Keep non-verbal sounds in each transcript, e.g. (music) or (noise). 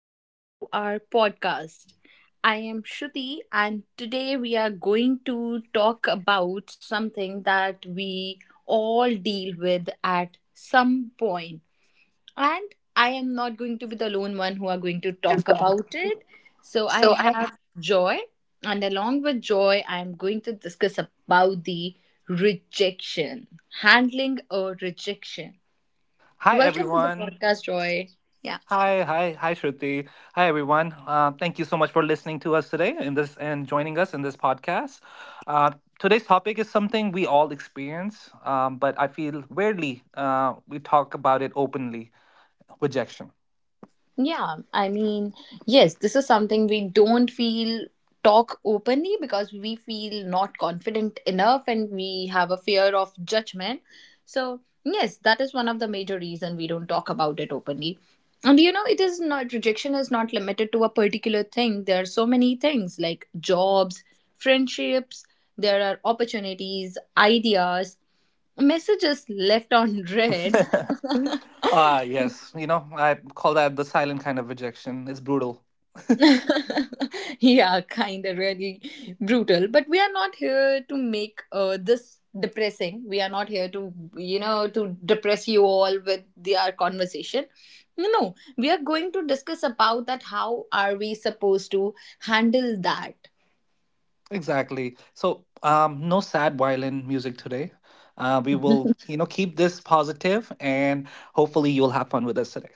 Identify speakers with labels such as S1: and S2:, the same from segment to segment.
S1: welcome to our podcast. I am Shruti, and today we are going to talk about something that we all deal with at some point. And I am not going to be the lone one who are going to talk
S2: So
S1: about it. So I have
S2: I
S1: Joy, and along with Joy, I am going to discuss about the rejection, handling a rejection.
S2: Hi
S1: Welcome to the
S2: everyone.
S1: podcast, Joy. Yeah.
S2: Hi Shruti. Hi everyone. Thank you so much for listening to us today in this and joining us in this podcast. Uh, Today's topic is something we all experience, but I feel rarely we talk about it openly. Rejection.
S1: Yeah, I mean, yes, this is something we don't feel talk openly because we feel not confident enough and we have a fear of judgment. So, yes, that is one of the major reason we don't talk about it openly. And you know, it is not rejection is not limited to a particular thing. There are so many things like jobs, friendships, there are opportunities, ideas, messages left on (laughs) read
S2: (laughs) Ah, yes. You know, I call that the silent kind of rejection. It's brutal.
S1: (laughs) yeah, kind of really brutal. But we are not here to make this depressing. We are not here to, you know, to depress you all with our conversation. No, we are going to discuss about that. How are we supposed to handle that?
S2: Exactly. So, no sad violin music today. We will, you know, keep this positive and hopefully you'll have fun with us today.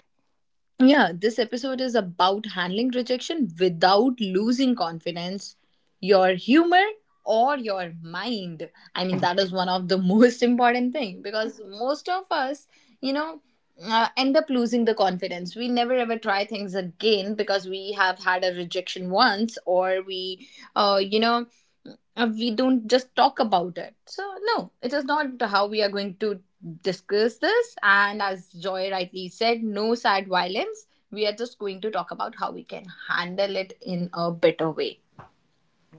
S1: Yeah, this episode is about handling rejection without losing confidence, your humor or your mind. I mean that
S2: (laughs)
S1: is one of the (laughs) most important thing because most of us, you know, end up losing the confidence. We never ever try things again because we have had a rejection once or we you know, we don't just talk about it. So no, it is not how we are going to discuss this. And as Joy rightly said, no sad violence. We are just going to talk about how we can handle it in a better way.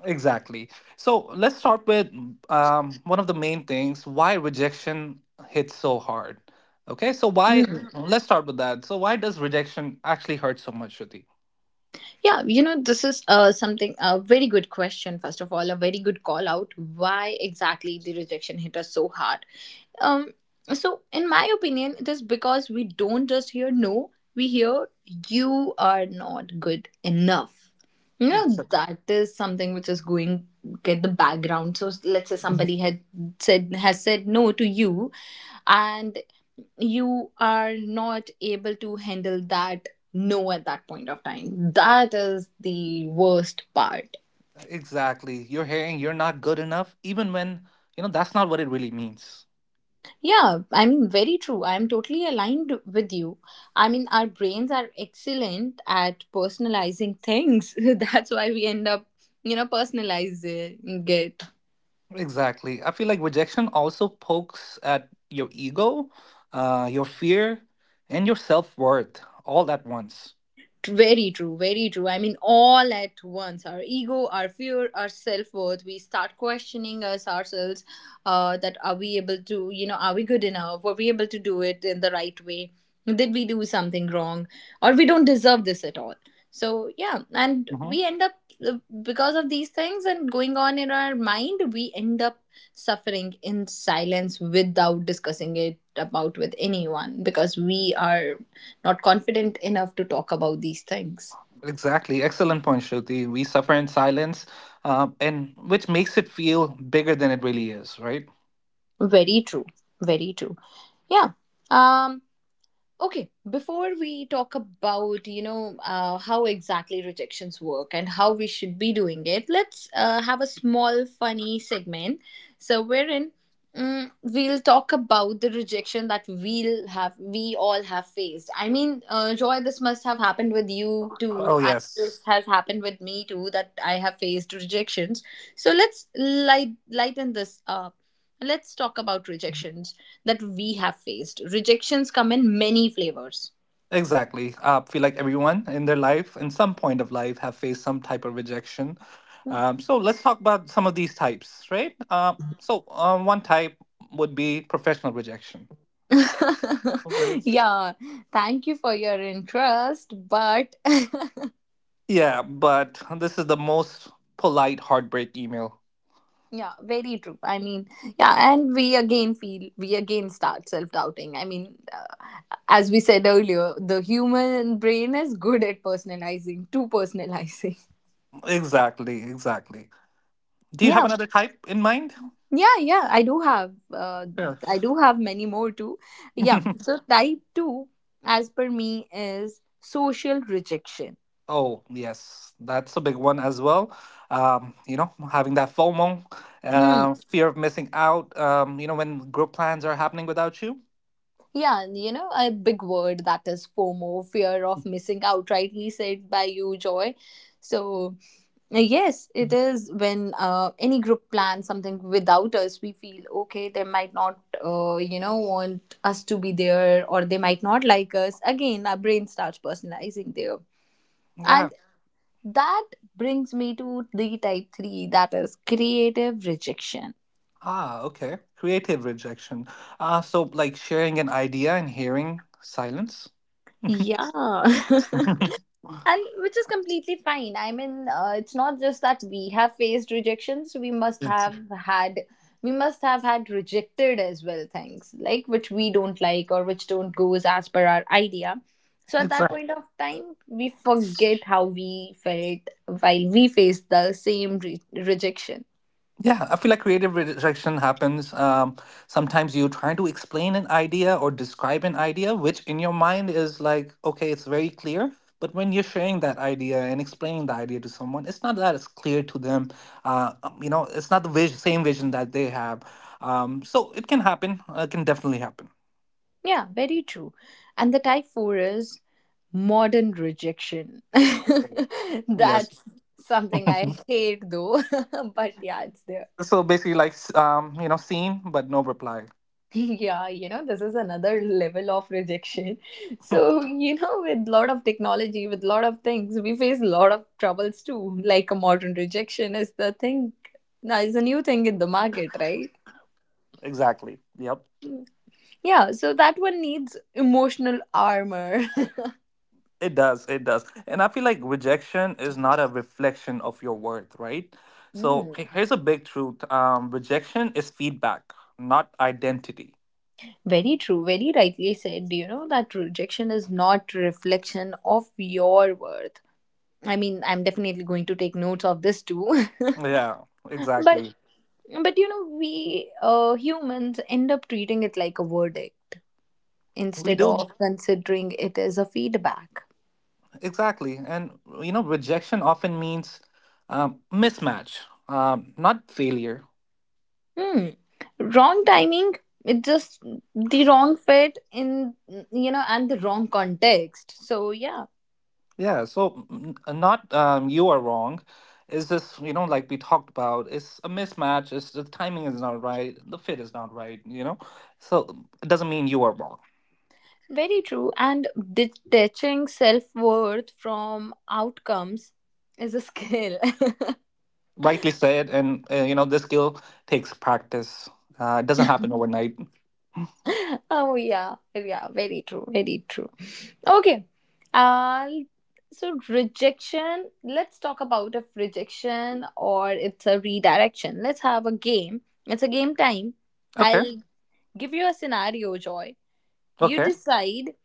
S2: Exactly. So, let's start with one of the main things why rejection hits so hard. Okay. So, why,
S1: Hmm.
S2: let's start with that. So, why does rejection actually hurt so much, Shruti?
S1: Yeah, you know, this is something, a very good question, first of all, a very good call out. Why exactly the rejection hit us so hard? Um, so, in my opinion, it is because we don't just hear no, we hear you are not good enough. You know,
S2: Exa-
S1: that is something which is going get the background. So let's say somebody had said has said no to you and you are not able to handle that no at that point of time. That is the worst part.
S2: Exactly. You're hearing you're not good enough, even when, you know, that's not what it really means.
S1: Yeah, I mean, very true. I'm totally aligned with you. I mean, our brains are excellent at personalizing things. (laughs) That's why we end up, you know, personalizing it.
S2: Exactly. I feel like rejection also pokes at your ego, your fear, and your self worth all at once.
S1: Very true, very true. I mean, all at once our ego, our fear, our self worth. We start questioning us ourselves that are we able to, you know, are we good enough? Were we able to do it in the right way? Did we do something wrong? Or we don't deserve this at all. So, yeah, and
S2: Hmm.
S1: we end up uh, because of these things and going on in our mind, we end up suffering in silence without discussing it about with anyone because we are not confident enough to talk about these things.
S2: Exactly. Excellent point, Shruti. We suffer in silence, and which makes it feel bigger than it really is, right?
S1: Very true, very true, yeah. um okay, before we talk about, you know, how exactly rejections work and how we should be doing it, let's have a small funny segment. So wherein we'll talk about the rejection that we all have faced. I mean, Joy, this must have happened with you too.
S2: Oh yes.
S1: This has happened with me too that I have faced rejections. So let's lighten this up. Let's talk about rejections that we have faced. Rejections come in many flavors.
S2: Exactly. I feel like everyone in their life, in some point of life, have faced some type of rejection. So let's talk about some of these types, right? One type would be professional rejection.
S1: (laughs)
S2: Right.
S1: Yeah, thank you for your interest, but
S2: Yeah, but this is the most polite heartbreak email.
S1: (laughs) yeah, very true. I mean, yeah, and we again feel we again start self doubting. I mean, as we said earlier, the human brain is good at personalizing. (laughs)
S2: Exactly, exactly. Do you have
S1: Yeah,
S2: another type in mind?
S1: yeah, yeah. I do have, uh,
S2: Yeah.
S1: I do have many more too. Yeah,
S2: (laughs)
S1: so type two, as per me, is social rejection.
S2: Oh, yes, that's a big one as well. You know, having that FOMO,
S1: Hmm.
S2: fear of missing out, you know, when group plans are happening without you.
S1: Yeah, and you know, a big word that is FOMO, fear of missing out, rightly said by you, Joy. So, yes, it is when any group plans something without us, we feel okay, they might not, you know, want us to be there or they might not like us. Again, our brain starts personalizing there. And
S2: Yeah.
S1: that brings me to the type three, that is creative rejection.
S2: Ah, okay. Creative rejection. So like sharing an idea and hearing silence.
S1: Yeah. (laughs)
S2: (laughs)
S1: And which is completely fine. I mean, it's not just that we have faced rejections, we must have had we must have had rejected as well, things like which we don't like or which don't goes as per our idea. So at that
S2: Yes.
S1: point of time we forget how we felt while we faced the same rejection.
S2: Yeah, I feel like creative rejection happens. Sometimes you're trying to explain an idea or describe an idea, which in your mind is like, okay, it's very clear. But when you're sharing that idea and explaining the idea to someone, it's not that it's clear to them. You know, it's not the same vision that they have. So it can happen. It can definitely happen.
S1: Yeah, very true. And the type 4 is modern rejection. (laughs)
S2: Yes.
S1: That's something
S2: (laughs)
S1: I hate though, (laughs) but yeah, it's there.
S2: So basically, like, you know, seen but no reply.
S1: (laughs) Yeah, you know, this is another (laughs) level of rejection. So you know, with lot of technology, with lot of things, we face a lot of troubles too. Like a modern rejection is the thing now, is a new thing in the market, right?
S2: Exactly. Yep.
S1: Yeah, so that one needs emotional armor. (laughs)
S2: It does, it does. And I feel like rejection is not a reflection of your worth, right? So
S1: Mm.
S2: here's a big truth. Rejection is feedback, not identity.
S1: Very true, very rightly said, you know, that rejection is not reflection of your worth. I mean, I'm definitely going to take notes of this too. (laughs)
S2: Yeah, exactly.
S1: but But you know, we humans end up treating it like a verdict
S2: We
S1: instead
S2: do.
S1: of considering it as a feedback.
S2: Exactly. And you know, rejection often means mismatch, not failure.
S1: Hmm. Wrong timing, it just the wrong fit in, you know, and the wrong context. So, yeah,
S2: Yeah, so not you are wrong. It's just, you know, like we talked about, it's a mismatch, it's the timing is not right, the fit is not right, you know? So it doesn't mean you are wrong.
S1: very true. And detaching self worth from outcomes is a skill.
S2: Rightly said, and you know, this skill takes practice. It doesn't happen overnight.
S1: (laughs) Oh, yeah, yeah, very true, very true. Okay. Uh, so rejection, let's talk about if rejection or it's a redirection. Let's have a game. It's a game time.
S2: Okay.
S1: I'll give you a scenario, Joy. You
S2: Okay.
S1: decide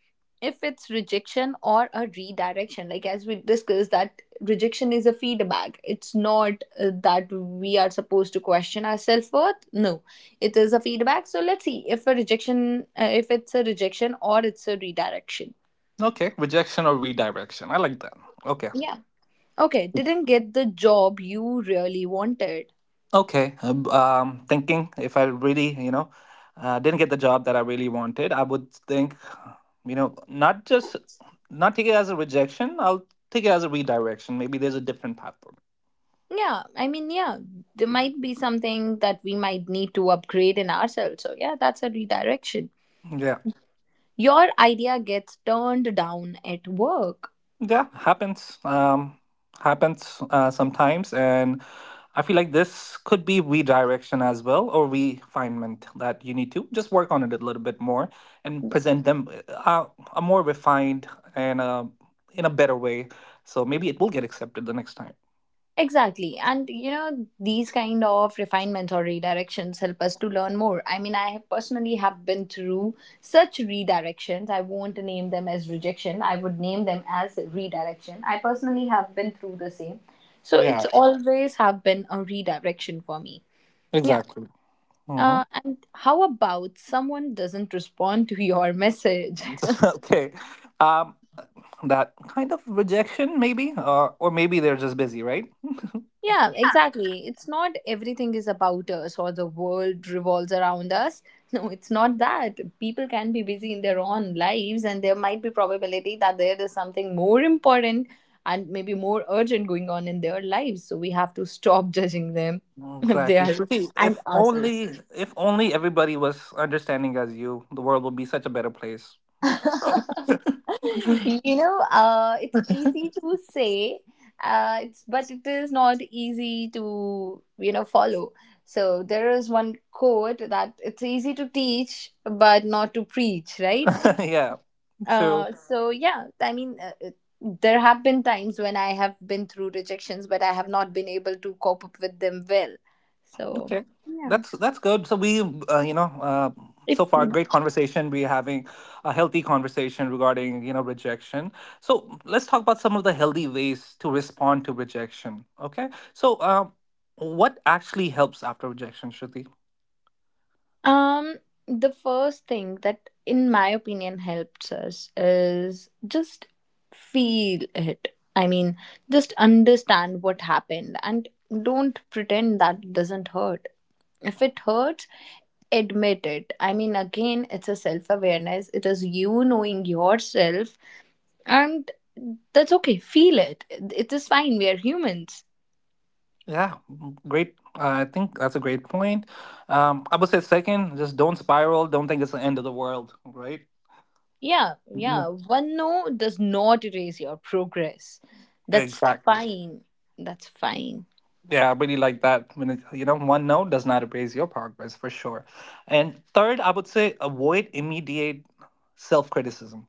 S1: if it's rejection or a redirection. Like as we discussed, that rejection is a feedback. It's not that we are supposed to question our self worth. No, it is a feedback. So let's see if a rejection, if it's a rejection or it's a redirection.
S2: Okay, rejection or redirection, I like that. Okay.
S1: Okay, didn't get the job you really wanted.
S2: Um, thinking if I really, you know, didn't get the job that I really wanted, I would think, you know, not just not take it as a rejection. I'll take it as a redirection. Maybe there's a different path for
S1: Yeah, I mean, yeah, there might be something that we might need to upgrade in ourselves. So, yeah, that's a redirection.
S2: me. Yeah.
S1: Your idea gets turned down at work.
S2: Yeah, happens. Happens sometimes, and I feel like this could be redirection as well, or refinement that you need to just work on it a little bit more and present them a more refined and in a better way. So maybe it will get accepted the next time.
S1: Exactly. And you know, these kind of refinements or redirections help us to learn more. I mean, I have personally have been through such redirections. I won't name them as rejection. I would name them as redirection. I personally have been through the same. So
S2: Yeah,
S1: it's always have been a redirection for me. Yeah.
S2: exactly. Hmm.
S1: And how about someone doesn't respond to your message? (laughs)
S2: (laughs) Okay. Um, that kind of rejection, maybe, or maybe they're just busy, right?
S1: Yeah, exactly. It's not everything is about us or the world revolves around us. (laughs) No, it's not that. People can be busy in their own lives and there might be probability that there is something more important and maybe more urgent going on in their lives. So we have to stop judging them (laughs) if they
S2: Exactly,
S1: are
S2: Shruti.
S1: and ourselves.
S2: If only everybody was understanding as you, the world would be such a better place.
S1: (laughs)
S2: (laughs)
S1: You know, it's easy to say, it's but it is not easy to, you know, follow. So there is one quote that it's easy to teach but not to preach, right?
S2: Yeah, true.
S1: So yeah, I mean, there have been times when I have been through rejections but I have not been able to cope up with them well. So
S2: Okay,
S1: yeah,
S2: that's good. So we, you know,
S1: if
S2: so far great conversation. We're having a healthy conversation regarding, you know, rejection. So let's talk about some of the healthy ways to respond to rejection. Okay, so what actually helps after rejection, Shruti?
S1: Um, the first thing that, in my opinion, helps us is just feel it. I mean, just understand what happened and don't pretend that it doesn't hurt. If it hurts, admit it. I mean, again, it's a self awareness, it is you knowing yourself, and that's okay. Feel it. It is fine. We are humans.
S2: Yeah, great. I think that's a great point. I would say second, just don't spiral. Don't think it's the end of the world, right?
S1: Yeah, yeah.
S2: No,
S1: One no does not erase your progress. That's
S2: exactly.
S1: fine. That's fine.
S2: Yeah, I really like that. When it, you know, one note does not erase your progress for sure. And third, I would say avoid immediate self criticism.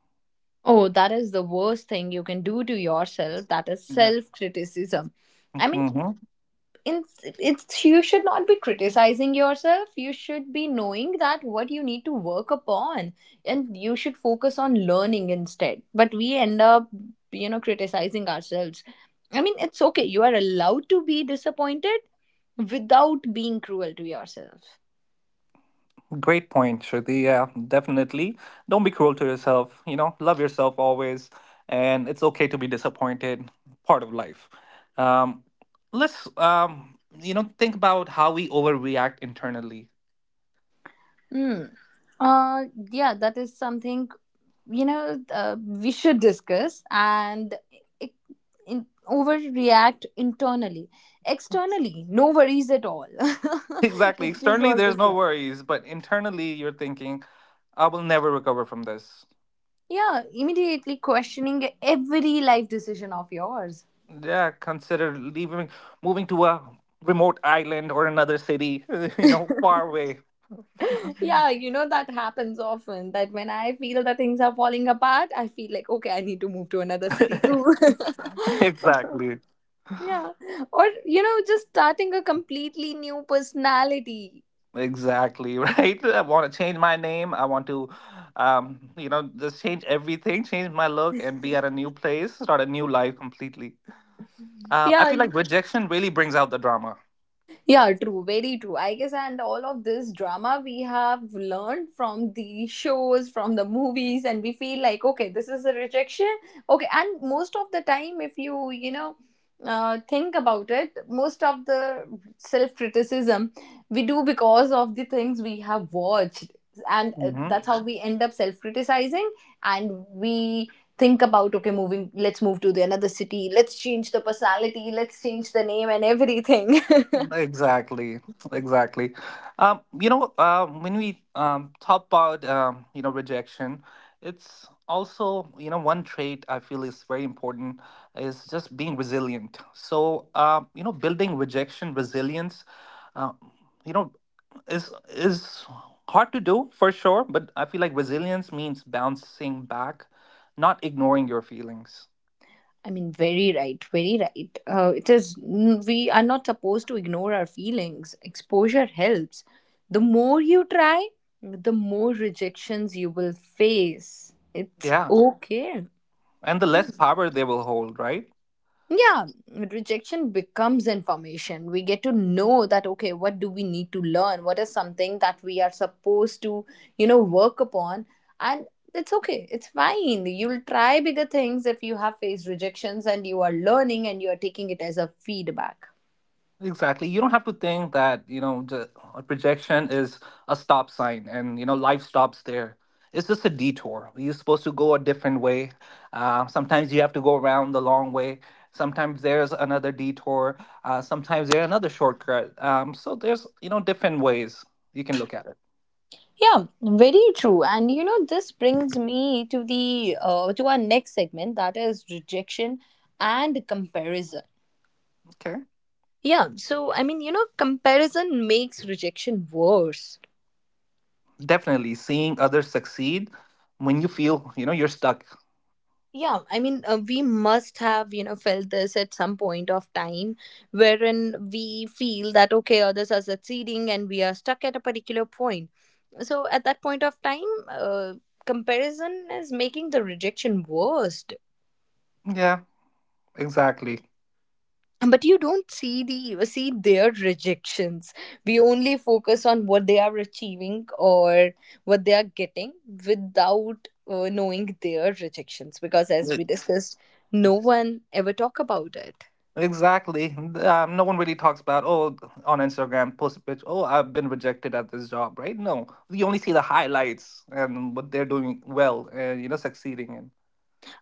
S1: Oh, that is the worst thing you can do to yourself. That is
S2: Yeah.
S1: self criticism. I mean, in, it's you should not be criticizing yourself, you should be knowing that what you need to work upon and you should focus on learning instead. But we end up, you know, criticizing ourselves. I mean, it's okay, you are allowed to be disappointed without being cruel to yourself.
S2: Great point, Shruti. Yeah, definitely. Don't be cruel to yourself. You know, love yourself always, and it's okay to be disappointed. Part of life. Um, let's, you know, think about how we overreact internally. (laughs)
S1: Hmm. Uh, yeah, that is something, you know, we should discuss. And it, overreact internally, externally no worries at all. (laughs)
S2: Exactly.
S1: It is
S2: Externally, there's
S1: always
S2: no
S1: there,
S2: worries, but internally, you're thinking, "I will never recover from this."
S1: yeah, immediately questioning every life decision of yours.
S2: Yeah, consider leaving, moving to a remote island or another city. (laughs) You know, far away.
S1: (laughs) Yeah, you know, that happens often, that when I feel that things are falling apart, I feel like okay, I need to move to another city too.
S2: (laughs)
S1: (laughs)
S2: Exactly.
S1: Yeah, or you know, just starting a completely new personality.
S2: Exactly, (laughs) right? I want to change my name. I want to, you know, just change everything, change my look, and be at a new place, start a new life completely. I
S1: Yeah.
S2: feel like rejection really brings out the drama.
S1: Yeah, true, very true. I guess, and all of this drama we have learned from the shows, from the movies, and we feel like, okay, this is a rejection. Okay, and most of the time, if you think about it, most of the self criticism we do because of the things we have watched, and
S2: Hmm.
S1: that's how we end up self criticizing, and we think about, okay, moving let's move to the another city, let's change the personality, let's change the name and everything.
S2: Exactly, exactly. Um, when we talk about, you know, rejection, it's also, you know, one trait I feel is very important is just being resilient. So, you know, building rejection resilience. Uh, you know, is hard to do for sure, but I feel like resilience means bouncing back, not ignoring your feelings.
S1: I mean, very right, very right. It is, we are not supposed to ignore our feelings. Exposure helps. The more you try, the more rejections you will face. It's
S2: Yeah,
S1: okay.
S2: and the less power they will hold, right?
S1: Yeah. Rejection becomes information. We get to know that, okay, what do we need to learn, what is something that we are supposed to work upon. And it's okay, it's fine, you'll try bigger things if you have faced rejections and you are learning and you are taking it as a feedback.
S2: Exactly. You don't have to think that, you know, the a projection is a stop sign and, you know, life stops there. It's just a detour. You're supposed to go a different way. Sometimes you have to go around the long way, sometimes there's another detour, sometimes there's another shortcut. So there's, you know, different ways you can look at it.
S1: Yeah, very true. And you know, this brings me to the to our next segment, that is rejection and comparison.
S2: Okay.
S1: Yeah, so I mean, comparison makes rejection worse.
S2: Definitely seeing others succeed when you feel, you know, you're stuck.
S1: Yeah, I mean, we must have, felt this at some point of time, wherein we feel that, okay, others are succeeding and we are stuck at a particular point. So at that point of time, uh, comparison is making the rejection worst.
S2: Yeah, exactly.
S1: But you don't see their rejections. We only focus on what they are achieving or what they are getting without knowing their rejections. Because as we
S2: Like-
S1: discussed, no one ever talk about it.
S2: Exactly. No one really talks about, oh, on Instagram, post a picture, oh, I've been rejected at this job, right? No, you only see the highlights and what they're doing well and, you know, succeeding in.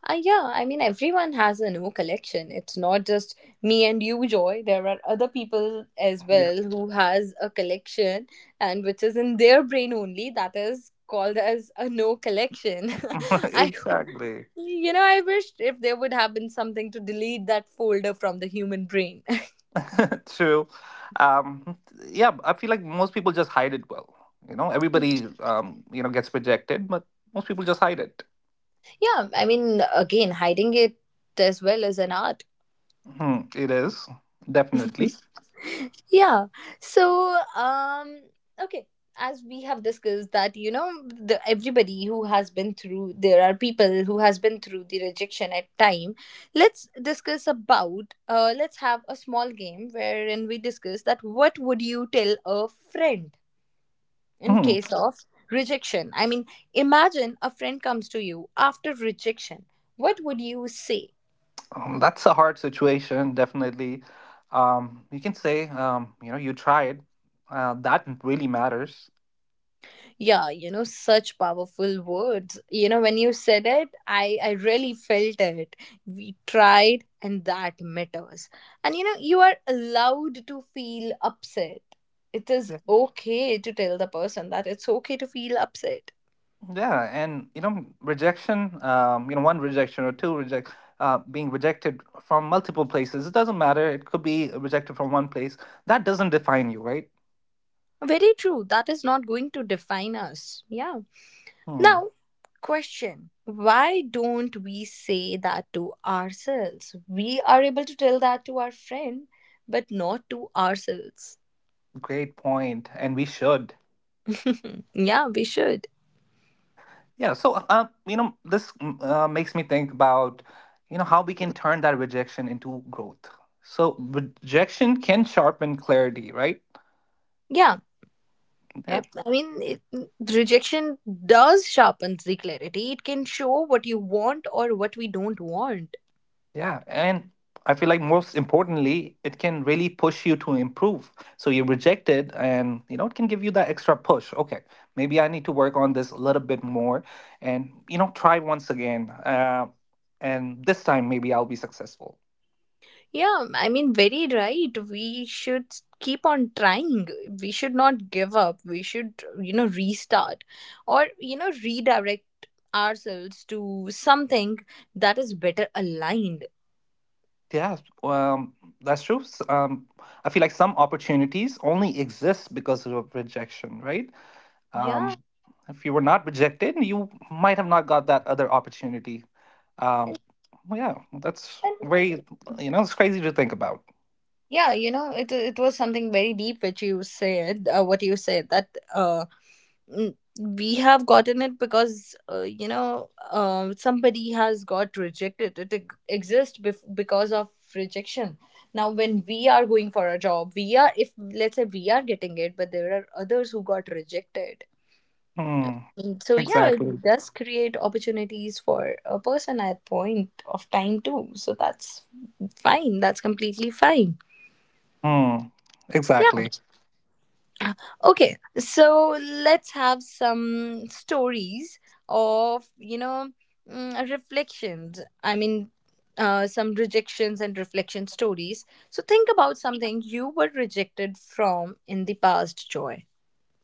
S1: Yeah, I mean, everyone has a new collection. It's not just me and you, Joy. There are other people as
S2: Yeah,
S1: well who has a collection and which is in their brain only. That is called as a no collection. (laughs)
S2: (laughs)
S1: I,
S2: exactly.
S1: I wish if there would have been something to delete that folder from the human brain.
S2: (laughs) True. Um, yeah, I feel like most people just hide it well. You know,
S1: (laughs) Yeah,
S2: everybody, you know, gets rejected, but most people just hide it.
S1: I mean, again, hiding it as well is an art.
S2: Hmm, it is, definitely.
S1: Yeah, so okay, as we have discussed that, everybody who has been through there are people who has been through the rejection at time. Let's discuss about let's have a small game wherein we discuss that what would you tell a friend in
S2: Hmm.
S1: case of rejection. I mean, imagine a friend comes to you after rejection, what would you say?
S2: Um, that's a hard situation. Definitely, you can say, you know, you tried. That really matters.
S1: Yeah, you know, such powerful words. When you said it, I really felt it. We tried, and that matters. And you are allowed to feel upset. It is
S2: Yeah.
S1: okay to tell the person that it's okay to feel upset.
S2: Yeah, and you know rejection. You know one rejection or two reject. Being rejected from multiple places. It doesn't matter. It could be rejected from one place. That doesn't define you, right?
S1: Very true. That is not going to define us. Yeah.
S2: Hmm.
S1: Now, question. Why don't we say that to ourselves? We are able to tell that to our friend, but not to ourselves.
S2: Great point, and we should.
S1: Yeah, we should.
S2: Yeah, so you know, this makes me think about, you know, how we can turn that rejection into growth. So rejection can sharpen clarity, right?
S1: Yeah.
S2: Yeah,
S1: I mean, rejection does sharpen the clarity. It can show what you want or what we don't want.
S2: yeah, and I feel like most importantly, it can really push you to improve. So you're rejected, and you know it can give you that extra push. Okay, maybe I need to work on this a little bit more, and you know try once again, and this time maybe I'll be successful.
S1: Yeah, I mean, very right. We should keep on trying. We should not give up. We should, restart or, redirect ourselves to something that is better aligned.
S2: Yeah, um, that's true. Um, I feel like some opportunities only exist because of rejection, right?
S1: Yeah.
S2: Um, if you were not rejected, you might have not got that other opportunity. Um, well, yeah, well, that's
S1: And
S2: very, you know, it's crazy to think about.
S1: yeah, it was something very deep which you said, what you said that. Mm, we have gotten it because somebody has got rejected. It exists because of rejection. Now when we are going for a job, we are if let's say we are getting it, but there are others who got rejected.
S2: Hmm,
S1: So yeah, it
S2: exactly.
S1: does create opportunities for a person at point of time too, so that's fine, that's completely fine.
S2: Hmm,
S1: Yeah.
S2: exactly.
S1: Okay, so let's have some stories of, reflections. I mean, some rejections and reflection stories. So think about something you were rejected from in the past, Joy.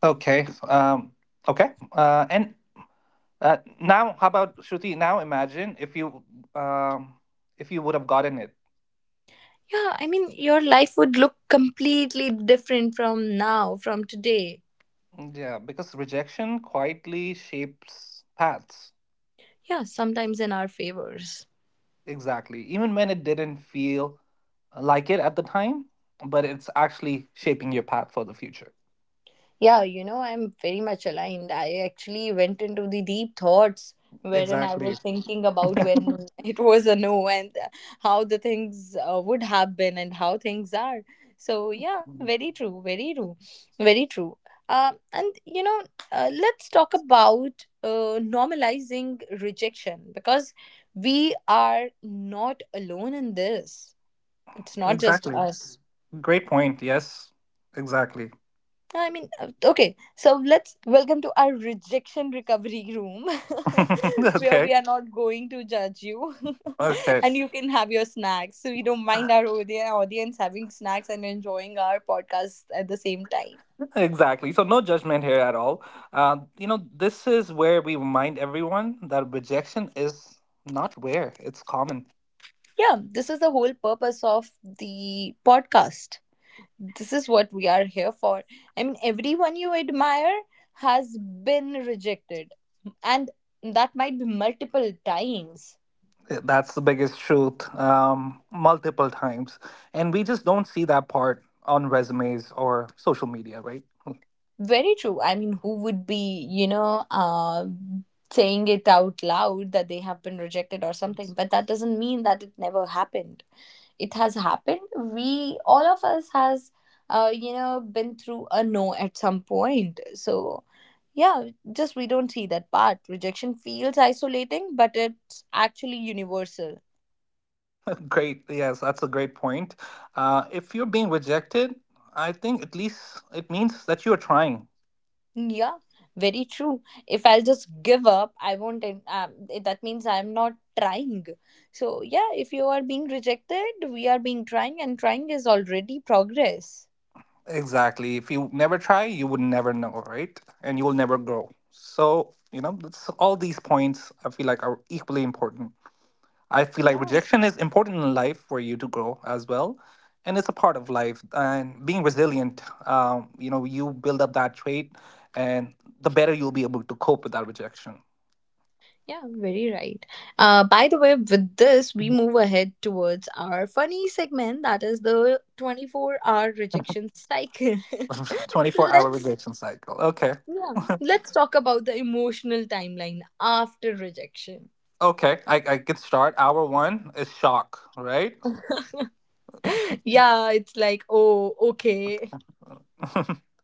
S2: Okay. Okay. And now, how about Shruti? Now, imagine um, if you would have gotten it.
S1: Yeah, I mean, your life would look completely different from now, from today.
S2: Yeah, because rejection quietly shapes paths.
S1: Yeah, sometimes in our favors.
S2: Exactly. Even when it didn't feel like it at the time, but it's actually shaping your path for the future.
S1: Yeah, I'm very much aligned. I actually went into the deep thoughts wherein I
S2: Exactly.
S1: was thinking about
S2: (laughs)
S1: when (laughs) it was a no and how the things would have been and how things are. So, yeah,
S2: Mm,
S1: very true, very true, very true. And let's talk about normalizing rejection, because we are not alone in this. It's not just
S2: exactly.
S1: us.
S2: Great point. Yes. Exactly.
S1: I mean, okay, so let's welcome to our rejection recovery room, (laughs)
S2: (laughs)
S1: where
S2: Okay.
S1: we are not going to judge you, (laughs)
S2: Okay.
S1: and you can have your snacks. So we don't mind our audience having snacks and enjoying our podcast at the same time.
S2: Exactly. So, no judgment here at all. You know, this is where we remind everyone that rejection is not rare, it's common.
S1: Yeah, this is the whole purpose of the podcast. This is what we are here for. I mean, everyone you admire has been rejected, and that might be multiple times.
S2: That's the biggest truth, multiple times. And we just don't see that part on resumes or social media, right?
S1: Very true. I mean, who would be, saying it out loud that they have been rejected or something? But that doesn't mean that it never happened. It has happened. We, all of us, has, been through a no at some point. So, yeah, just we don't see that part. Rejection feels isolating, but it's actually universal.
S2: (laughs) Great. Yes, that's a great point. If you're being rejected, I think at least it means that you are trying.
S1: Yeah, very true. If I'll just give up, I won't. That means I'm not trying. So, yeah, if you are being rejected, we are being trying, and trying is already progress.
S2: Exactly. If you never try, you would never know, right? And you will never grow. So, you know, all these points I feel like are equally important. I feel like
S1: Yeah.
S2: rejection is important in life for you to grow as well. And it's a part of life. And being resilient, you know, you build up that trait, and the better you'll be able to cope with that rejection.
S1: Yeah, very right. By the way, with this, we move ahead towards our funny segment, that is the 24-hour rejection cycle. (laughs)
S2: (laughs) 24-hour
S1: let's
S2: rejection cycle. Okay.
S1: yeah,
S2: (laughs)
S1: let's talk about the emotional timeline after rejection.
S2: Okay. I can start. Hour one is shock, right?
S1: (laughs) Yeah, it's like, oh, okay.
S2: (laughs)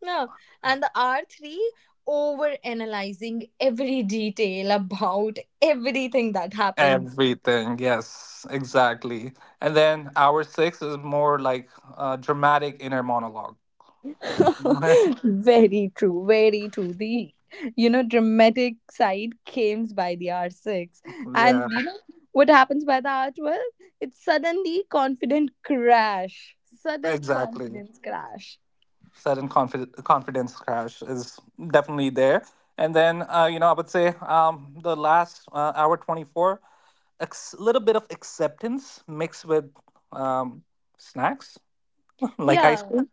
S1: No, and the R3, over analyzing every detail about everything that happened.
S2: Everything. Yes, exactly. And then hour six is more like dramatic inner monologue. (laughs)
S1: (laughs) Very true, very true. The dramatic side comes by the R6, and
S2: Yeah,
S1: you know what happens by the R12? It's suddenly confident crash, sudden
S2: exactly.
S1: confidence crash.
S2: Confidence crash is definitely there. And then, you know, I would say the last hour 24, a little bit of acceptance mixed with um, snacks (laughs) like ice
S1: Yeah.
S2: cream.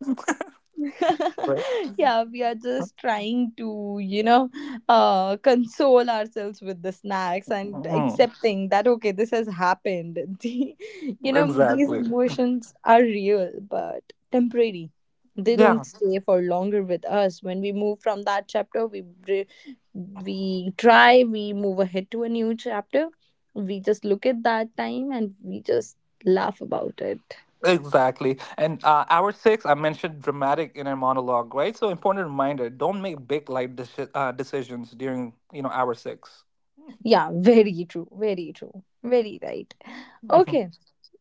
S2: Right.
S1: (laughs) Yeah, we are just trying to, console ourselves with the snacks and
S2: Mm,
S1: accepting that, okay, this has happened. (laughs) The, these
S2: exactly.
S1: emotions are real, but temporary. They
S2: Yeah,
S1: don't stay for longer with us. When we move from that chapter, we try, we move ahead to a new chapter. We just look at that time and we just laugh about it.
S2: exactly. And hour six, I mentioned dramatic inner monologue, right? So important reminder: don't make big life decisions during, you know, hour 6.
S1: Yeah, (laughs) very true, very true, very right.
S2: Mhm.
S1: Okay,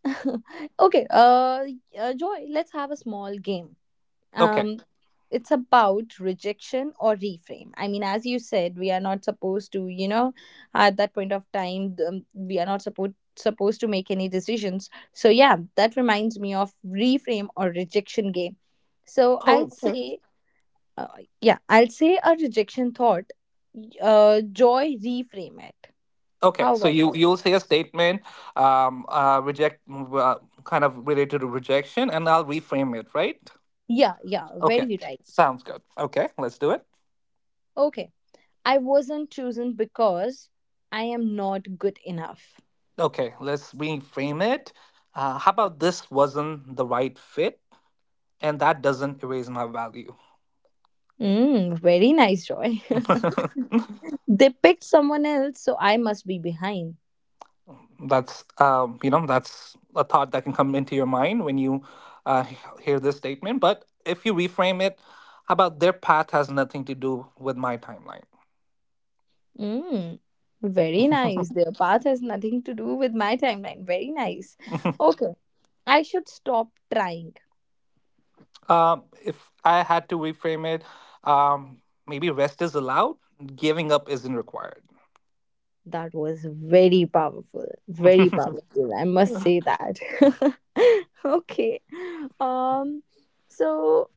S1: (laughs) okay. Joy, let's have a small game.
S2: Okay.
S1: Um, it's about rejection or reframe. I mean, as you said, we are not supposed to, at that point of time, we are not supposed to make any decisions. So yeah, that reminds me of reframe or rejection game. So
S2: Oh.
S1: uh, yeah, I'll say a rejection thought. Joy, reframe it.
S2: Okay,
S1: How
S2: so
S1: about
S2: you
S1: it?
S2: you'll say a statement, um, kind of related to rejection, and I'll reframe it, right?
S1: Yeah, yeah,
S2: Okay,
S1: very right.
S2: sounds good. Okay, let's do it.
S1: Okay. I wasn't chosen because I am not good enough.
S2: Okay, let's reframe it. How about this wasn't the right fit, and that doesn't erase my value.
S1: Mm, very nice, Joy.
S2: (laughs)
S1: (laughs) They picked someone else, so I must be behind.
S2: that's You know, that's a thought that can come into your mind when you hear this statement. But if you reframe it, how about their path has nothing to do with my timeline?
S1: Mm, very nice. Their path has nothing to do with my timeline. Very nice.
S2: (laughs)
S1: Okay. I should stop trying.
S2: If I had to reframe it, maybe rest is allowed, giving up isn't required.
S1: That was very powerful. Very
S2: (laughs)
S1: powerful. I must say that. (laughs) Okay. Um so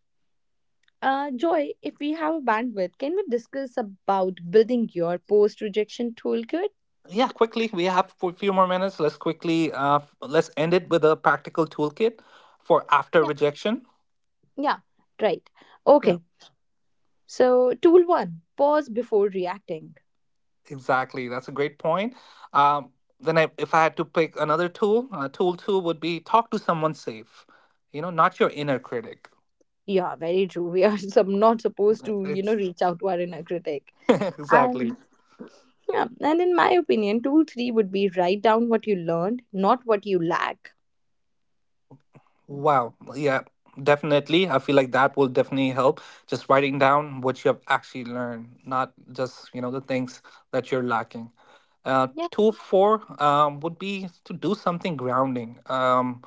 S1: Uh, Joy, if we have a bandwidth, can we discuss about building your post rejection toolkit?
S2: Yeah, quickly, we have a few more minutes. Let's quickly, let's end it with a practical toolkit for after
S1: Yeah.
S2: rejection.
S1: Yeah, right.
S2: Yeah,
S1: Okay. So, tool one, pause before reacting.
S2: exactly. That's a great point. Um, then, if I had to pick another tool, tool two would be talk to someone safe. You know, not your inner critic.
S1: Yeah, very true. (laughs) We are not supposed to,
S2: It's
S1: reach out to our inner critic.
S2: (laughs) exactly.
S1: And yeah, and in my opinion, tool three would be write down what you learned, not what you lack.
S2: Wow. Yeah, definitely. I feel like that will definitely help. Just writing down what you have actually learned, not just, you know, the things that you're lacking.
S1: Yeah,
S2: Two of four would be to do something grounding.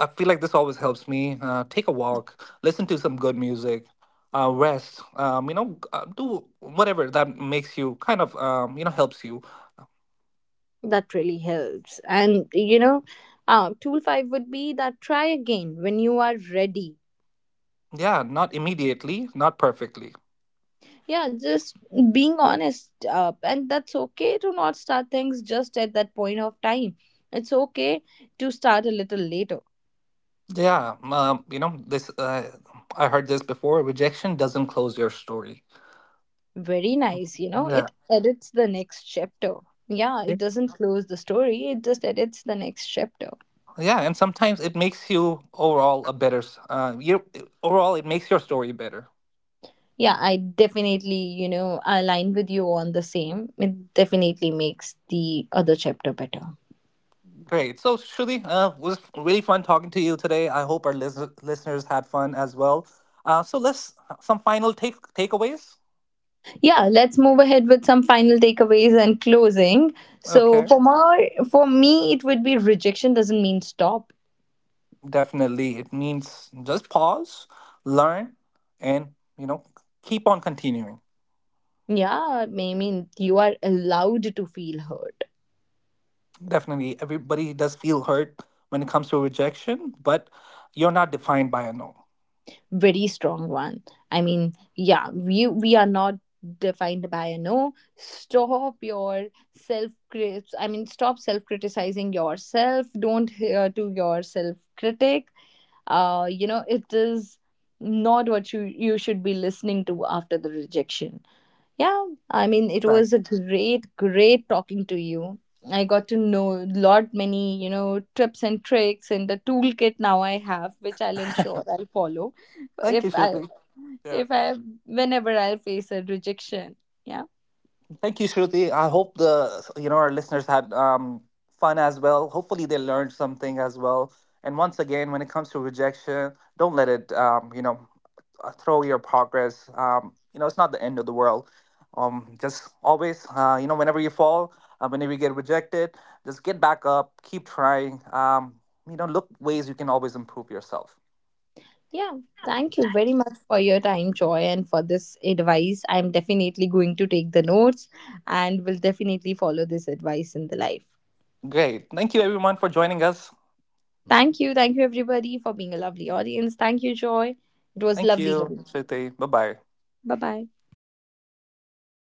S2: I feel like this always helps me. Take a walk, listen to some good music, rest. Um, do whatever that makes you kind of, you know, helps you.
S1: that really helps. And tool five would be that try again when you are ready.
S2: Yeah, not immediately, not perfectly.
S1: Yeah, just being honest. And that's okay to not start things just at that point of time. It's okay to start a little later.
S2: Yeah, you know this. I heard this before. Rejection doesn't close your story.
S1: Very nice.
S2: Yeah,
S1: It edits the next chapter. Yeah,
S2: yeah,
S1: it doesn't close the story, it just edits the next chapter.
S2: yeah, and sometimes it makes you overall a better. S- you overall it makes your story better.
S1: Yeah, I definitely, align with you on the same. It definitely makes the other chapter better.
S2: Great. So Shruti, was really fun talking to you today. I hope our listeners had fun as well. So let's some final takeaways.
S1: Yeah, let's move ahead with some final takeaways and closing. So
S2: Okay,
S1: for for me, it would be rejection doesn't mean stop.
S2: definitely. It means just pause, learn, and you know keep on continuing.
S1: Yeah, I mean, you are allowed to feel hurt.
S2: Definitely, everybody does feel hurt when it comes to rejection, but you're not defined by a no.
S1: Very strong one. I mean, yeah, we are not defined by a no. Stop your self crit, I mean, stop self criticizing yourself. Don't hear to your self critic. It is not what you should be listening to after the rejection. Yeah, I mean, it was a
S2: Exactly.
S1: great, great talking to you. I got to know a lot many, tips and tricks and the toolkit now I have, which I'll ensure I'll follow
S2: Thank
S1: if
S2: you, (laughs)
S1: I,
S2: Shruti. Yeah.
S1: if I, whenever I'll face a rejection. Yeah.
S2: Thank you, Shruti. I hope the you know our listeners had fun as well. Hopefully, they learned something as well. And once again, when it comes to rejection, don't let it you know throw your progress. You know, it's not the end of the world. Just always, you know, whenever you fall, whenever you get rejected, just get back up, keep trying. You know, look ways you can always improve yourself.
S1: Yeah. Thank you very much for your time, Joy, and for this advice. I'm definitely going to take the notes and will definitely follow this advice in the life.
S2: Great. Thank you, everyone, for joining us.
S1: Thank you. Thank you, everybody, for being a lovely audience. Thank you, Joy. It was
S2: Thank
S1: lovely
S2: you,
S1: having you.
S2: Shruti. Bye bye.
S1: Bye bye.